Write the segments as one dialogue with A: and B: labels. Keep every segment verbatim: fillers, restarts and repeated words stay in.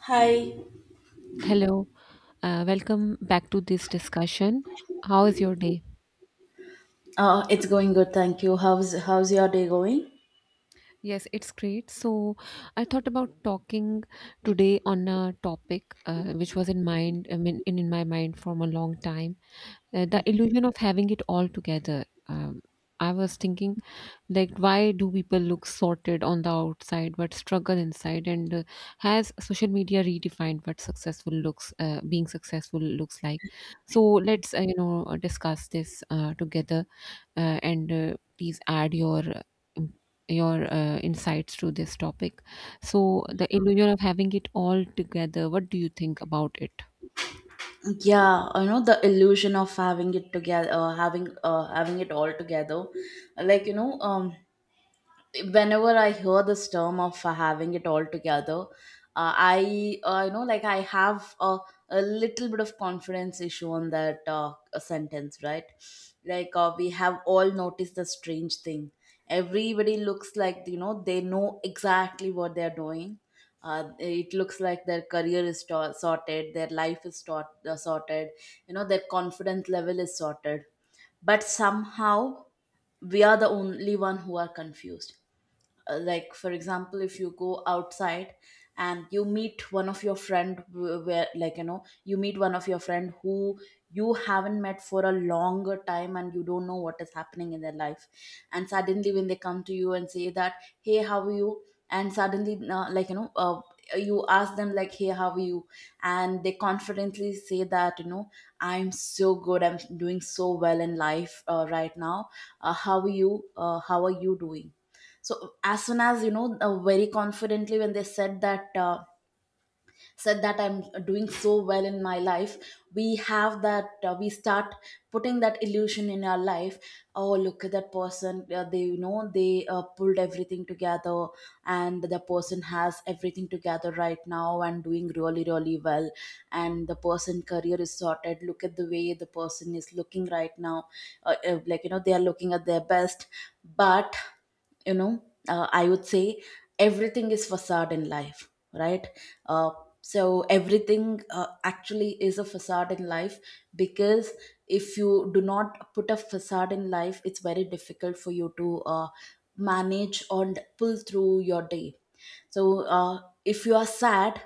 A: Hi,
B: Hello, uh, welcome back to this discussion. How is your day?
A: uh, it's going good, thank you. How's how's your day going?
B: Yes, it's great. So, I thought about talking today on a topic uh, which was in mind, I mean, in, in my mind from a long time, uh, the illusion of having it all together. Um, I was thinking, like, why do people look sorted on the outside but struggle inside? And uh, has social media redefined what successful looks, uh, being successful looks like? So let's uh, you know discuss this uh, together uh, and uh, please add your uh, im- your uh, insights to this topic. So the illusion of having it all together. What do you think about it?
A: Yeah, you know the illusion of having it together, uh, having uh, having it all together, like you know, um, whenever I hear this term of uh, having it all together, uh, I uh, you know like I have a, a little bit of confidence issue on that uh, sentence, right? Like uh, we have all noticed the strange thing. Everybody looks like you know they know exactly what they're doing. Uh, it looks like their career is to- sorted, their life is sort- uh, sorted, you know, their confidence level is sorted. But somehow we are the only one who are confused uh, like for example if you go outside and you meet one of your friend wh- where like you know you meet one of your friend who you haven't met for a longer time and you don't know what is happening in their life, and suddenly when they come to you and say that, hey, how are you, and suddenly uh, like you know uh, you ask them like, hey, how are you, and they confidently say that, you know, I'm so good, I'm doing so well in life uh, right now. Uh, how are you? Uh, how are you doing? So, as soon as you know uh, very confidently when they said that uh, said that I'm doing so well in my life, we have that uh, we start putting that illusion in our life. Oh, look at that person, uh, they, you know, they uh, pulled everything together, and the person has everything together right now and doing really really well, and the person career is sorted, look at the way the person is looking right now, uh, uh, like you know they are looking at their best. But, you know, uh, I would say everything is facade in life, right? uh, so everything uh, actually is a facade in life, because if you do not put a facade in life, it's very difficult for you to uh, manage and pull through your day. So, uh, if you are sad,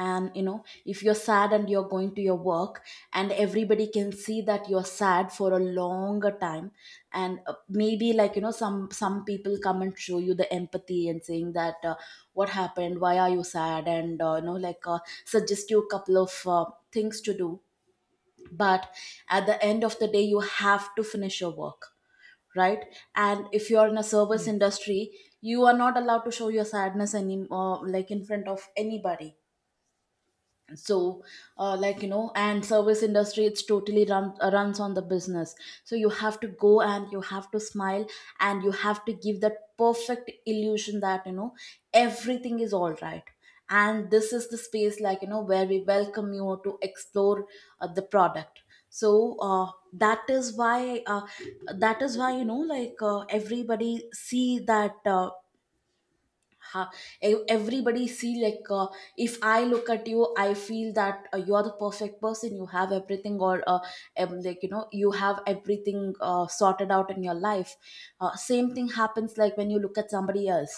A: and you know, if you're sad and you're going to your work, and everybody can see that you're sad for a longer time, and uh, maybe like you know some some people come and show you the empathy and saying that, uh, what happened, why are you sad, and uh, you know like uh, suggest you a couple of uh, things to do. But at the end of the day, you have to finish your work, right? And if you're in a service
B: Yes.
A: industry, you are not allowed to show your sadness any, uh, like in front of anybody. So, uh, like you know and service industry, it's totally run, uh, runs on the business. So you have to go and you have to smile, and you have to give that perfect illusion that, you know, everything is all right, and this is the space, like you know, where we welcome you to explore uh, the product. So uh, that is why uh, that is why you know like uh, everybody see that uh, ha- ev- everybody see like, uh, if I look at you, I feel that uh, you are the perfect person, you have everything, or uh, um, like you know you have everything uh, sorted out in your life. Uh, same thing happens like when you look at somebody else,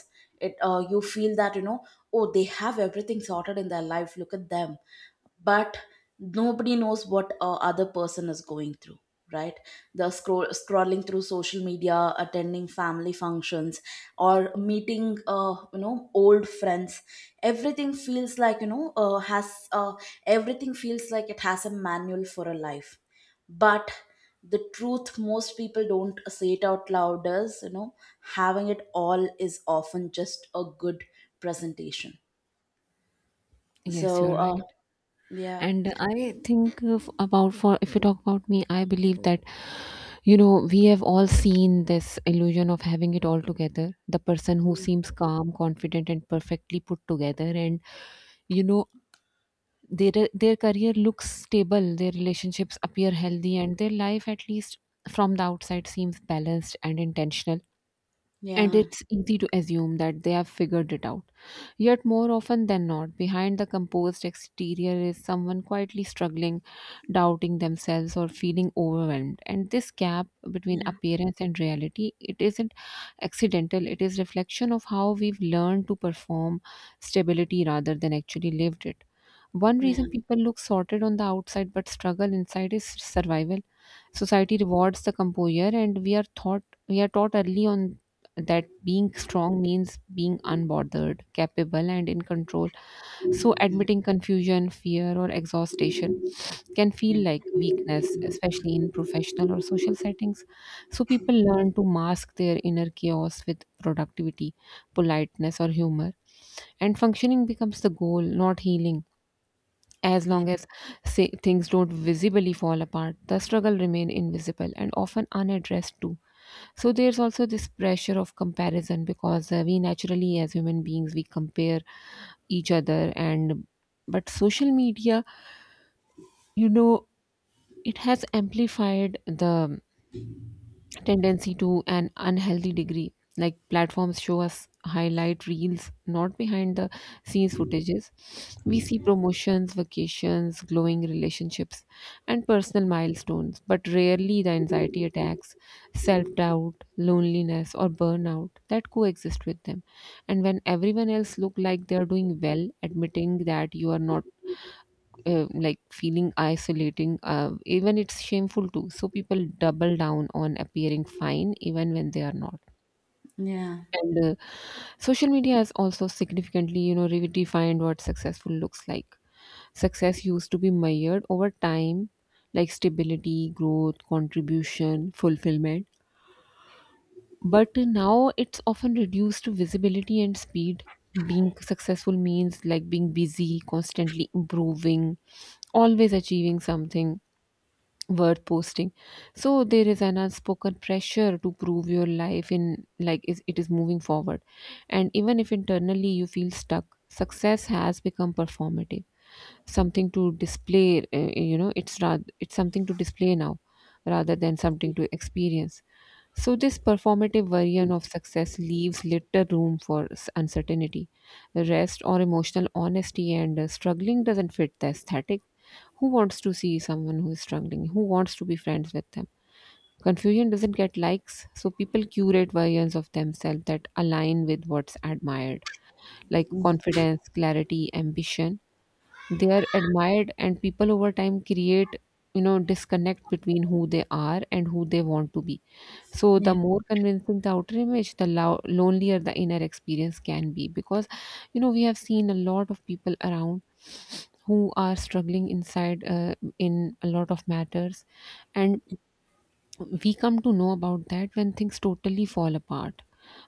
A: it uh, you feel that you know, oh, they have everything sorted in their life, look at them. But nobody knows what a other person is going through, right? The scroll scrolling through social media, attending family functions, or meeting uh, you know old friends, everything feels like you know uh, has uh, everything feels like it has a manual for a life. But the truth most people don't say it out loud is, you know, having it all is often just a good presentation.
B: Yes,
A: So,
B: you're
A: uh,
B: right.
A: yeah,
B: And I think of about for if you talk about me, I believe that you know we have all seen this illusion of having it all together. The person who seems calm, confident, and perfectly put together, and you know, their their career looks stable, their relationships appear healthy, and their life, at least from the outside, seems balanced and intentional, and
A: yeah,
B: it's easy to assume that they have figured it out, yet more often than not, behind the composed exterior is someone quietly struggling, doubting themselves or feeling overwhelmed. And this gap between
A: yeah.
B: appearance and reality, it isn't accidental, it is reflection of how we've learned to perform stability rather than actually lived it. One
A: Yeah,
B: reason people look sorted on the outside but struggle inside is survival. Society rewards the composure, and we are taught we are taught early on that being strong means being unbothered, capable, and in control. So,
A: mm,
B: admitting confusion, fear, or exhaustion can feel
A: yeah,
B: like weakness, especially in professional or social settings. So, people learn to mask their inner chaos with productivity, politeness, or humor, and functioning becomes the goal, not healing. As
A: yeah,
B: long as, say, things don't visibly fall apart, the struggle remain invisible and often unaddressed too. So there's also this pressure of comparison, because uh, we naturally, as human beings, we compare each other. And but social media, you know, it has amplified the tendency to an unhealthy degree. Like platforms show us highlight reels, not behind the scenes footages. We see promotions, vacations, glowing relationships, and personal milestones, but rarely the anxiety attacks, self doubt, loneliness, or burnout that coexist with them. And when everyone else look like they are doing well, admitting that you are not uh, like feeling isolating, uh, even it's shameful too, so people double down on appearing fine even when they are not.
A: yeah,
B: And uh, Social media has also significantly, you know, redefined what successful looks like. Success used to be measured over time, like stability, growth, contribution, fulfillment, but now it's often reduced to visibility and speed. Being successful means like being busy, constantly improving, always achieving something worth posting. So there is an unspoken pressure to prove your life in like is, it is moving forward, and even if internally you feel stuck, success has become performative, something to display, uh, you know, it's rather, it's something to display now rather than something to experience. So this performative version of success leaves little room for s- uncertainty, rest, or emotional honesty, and uh, struggling doesn't fit the aesthetic. Who wants to see someone who is struggling? Who wants to be friends with them? Confusion doesn't get likes, so people curate versions of themselves that align with what's admired, like confidence, clarity, ambition. They are admired, and people over time create, you know, disconnect between who they are and who they want to be. So, the
A: yeah,
B: more convincing the outer image, the lo- lonelier the inner experience can be. Because, you know, we have seen a lot of people around who are struggling inside uh, in a lot of matters. And we come to know about that when things totally fall apart.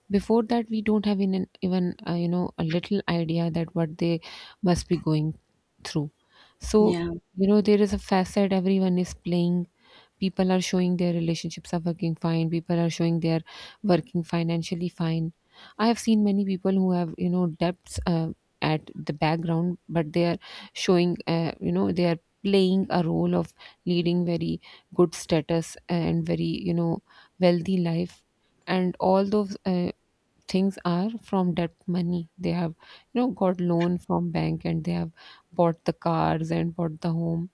B: Before that, we don't have in even, uh, you know, a little idea that what they must be going through. So,
A: yeah.
B: you know, there is a facet everyone is playing. People are showing their relationships are working fine, people are showing they're working financially fine. I have seen many people who have, you know, debts uh, at the background, but they are showing, uh, you know, they are playing a role of leading very good status and very, you know, wealthy life, and all those uh, things are from debt money. They have, you know, got loan from bank, and they have bought the cars and bought the home,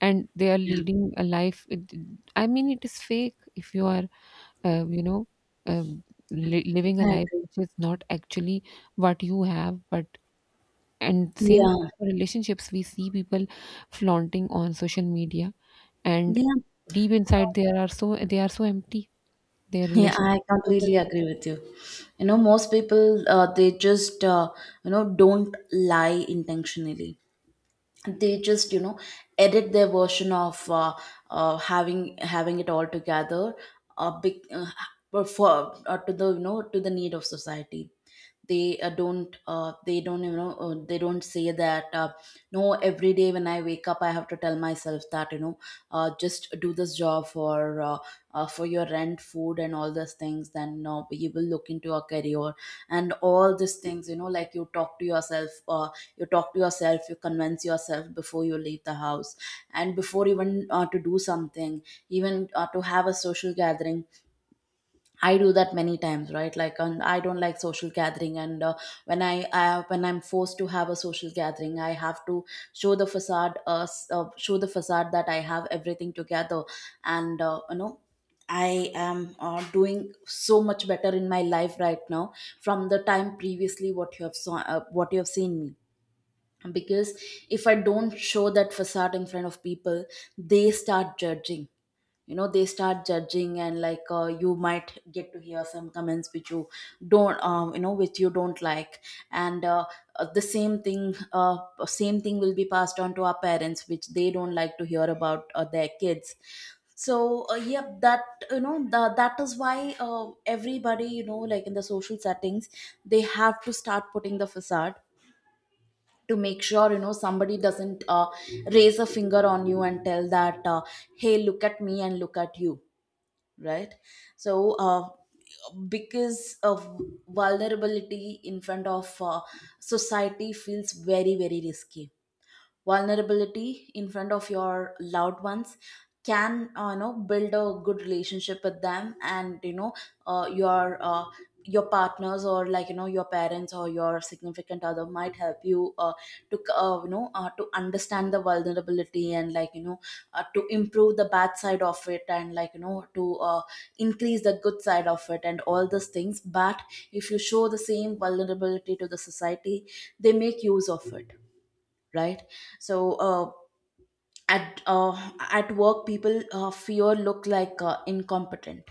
B: and they are leading a life it- I mean, it is fake. If you are uh, you know, um, li- living a
A: I
B: life
A: agree.
B: which is not actually what you have, but and same goes
A: Yeah,
B: for relationships. We see people flaunting on social media, and
A: yeah,
B: deep inside they are so, they are so empty, their
A: yeah.
B: relationships
A: I
B: are not
A: completely
B: working.
A: agree with you. You know, most people, uh, they just uh, you know, don't lie intentionally. They just, you know, edit their version of, uh, uh, having having it all together, uh, big, uh, for for- uh, to the, you know, to the need of society. They uh, don't uh, they don't, you know uh, they don't say that, uh, no, every day when I wake up, I have to tell myself that, you know, uh, just do this job for, uh, uh, for your rent, food and all those things, then uh, you will look into a career and all these things, you know, like you talk to yourself, uh, you talk to yourself, you convince yourself before you leave the house and before even uh, to do something, even uh, to have a social gathering. I do that many times, right? Like, and I don't like social gathering, and uh, when I, I when I'm forced to have a social gathering, I have to show the facade, uh, s- uh, show the facade that I have everything together, and uh, you know, I am uh, doing so much better in my life right now from the time previously what you have saw, uh, what you have seen me. Because if I don't show that facade in front of people, they start judging, you know, they start judging, and like uh, you might get to hear some comments which you don't um, you know which you don't like. And uh, uh, the same thing uh, same thing will be passed on to our parents, which they don't like to hear about uh, their kids. So uh, yep, that you know the, that is why uh, everybody, you know, like in the social settings, they have to start putting the facade to make sure, you know, somebody doesn't uh, raise a finger on you and tell that, uh, hey, look at me and look at you, right? So uh, because of vulnerability in front of uh, society feels very very risky. Vulnerability in front of your loved ones can, uh, you know, build a good relationship with them, and you know uh, your uh, your partners, or like you know your parents or your significant other might help you uh, to uh, you know uh, to understand the vulnerability, and like you know uh, to improve the bad side of it, and like you know to uh, increase the good side of it and all those things. But if you show the same vulnerability to the society, they make use of it, right? So uh, at uh, at work, people uh, fear look like uh, incompetent.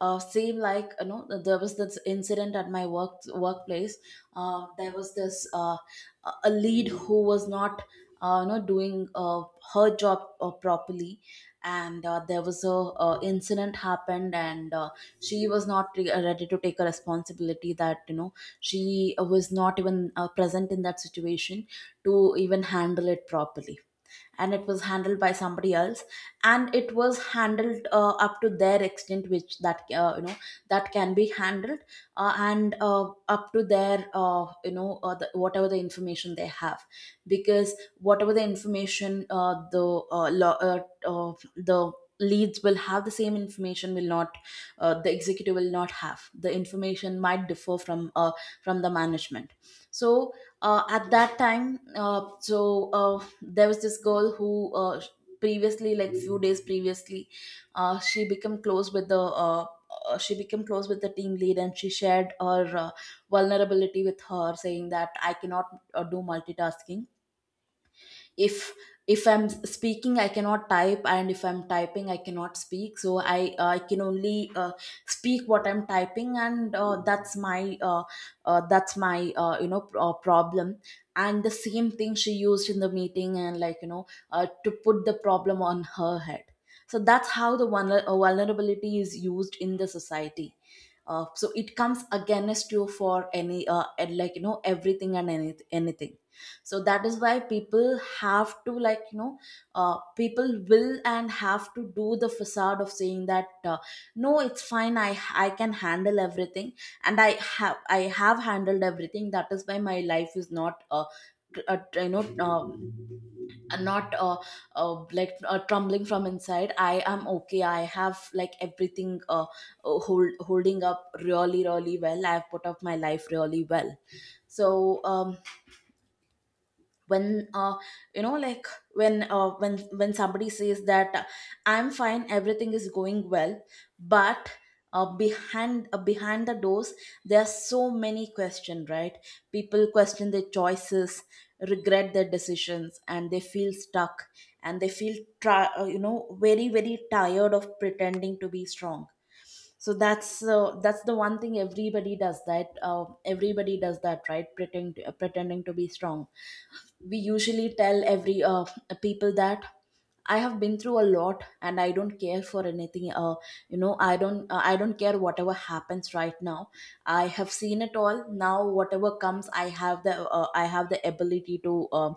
A: uh, Same, like you know, there was this incident at my work workplace. Uh, there was this uh, a a lead who was not uh, you know doing uh, her job uh, properly, and uh, there was a uh, incident happened, and uh, she was not re- ready to take a responsibility, that you know she was not even uh, present in that situation to even handle it properly, and it was handled by somebody else, and it was handled uh, up to their extent which that uh, you know, that can be handled, uh, and uh, up to their uh, you know uh, the, whatever the information they have. Because whatever the information, uh, the uh, law, uh, uh, the leads will have the same information, will not, uh, the executive will not have the information, might differ from, uh, from the management. So uh, at that time uh, so uh, there was this girl who uh, previously, like few days previously, uh, she became close with the uh, uh, she became close with the team lead, and she shared her uh, vulnerability with her, saying that I cannot uh, do multitasking. if if I'm speaking I cannot type, and if I'm typing I cannot speak, so i uh, I can only uh, speak what I'm typing, and uh, that's my uh, uh, that's my uh, you know pr- uh, problem. And the same thing she used in the meeting, and like you know uh, to put the problem on her head. So that's how the vulner- uh, vulnerability is used in the society. Uh, so it comes against you for any, uh, and like you know, everything and any- anything. So that is why people have to, like you know, uh, people will and have to do the facade of saying that, uh, no, it's fine, i I can handle everything, and i have I have handled everything, that is why my life is not, uh, tr- uh, you know, um, not uh, uh, like uh, trembling from inside, I am okay, I have like everything, uh, uh, hold, holding up really really well, I've put up my life really well. So, um, when uh, you know like, when uh, when when somebody says that, uh, I'm fine, everything is going well, but uh, behind uh, behind the doors there are so many questions, right? People question their choices, regret their decisions, and they feel stuck, and they feel tri- uh, you know very very tired of pretending to be strong. So that's uh, that's the one thing everybody does, that uh, everybody does that, right? Pretending to, pretending to be strong. We usually tell every uh, people that I have been through a lot, and I don't care for anything, uh, you know, i don't uh, I don't care whatever happens right now, I have seen it all, now whatever comes, I have the, uh, I have the ability to uh,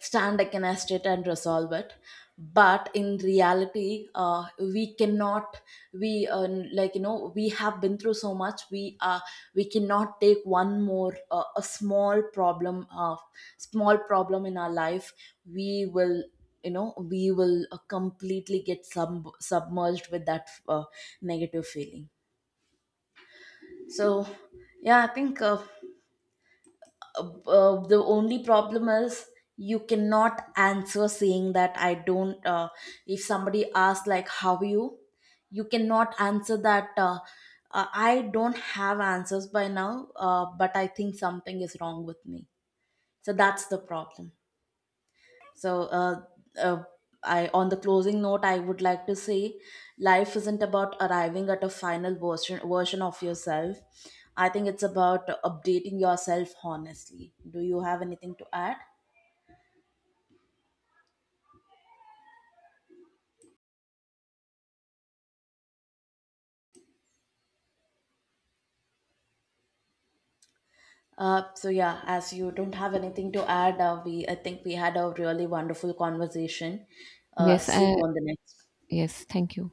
A: stand against it and resolve it. But in reality, uh, we cannot. We uh, Like you know, we have been through so much, we uh, we cannot take one more, uh, a small problem uh, small problem in our life. We will, you know, we will uh, completely get sub- submerged with that uh, negative feeling. So yeah, I think uh, uh, the only problem is you cannot answer saying that I don't, uh, if somebody asks like how are you, you cannot answer that, uh, uh, I don't have answers by now, uh, but I think something is wrong with me. So that's the problem. So, uh, uh, I, on the closing note, I would like to say, life isn't about arriving at a final version version of yourself. I think it's about updating yourself honestly. Do you have anything to add? Uh, so yeah, as you don't have anything to add, uh, we I think we had a really wonderful conversation. Uh,
B: Yes,
A: see
B: uh,
A: you on the next.
B: yes, thank you.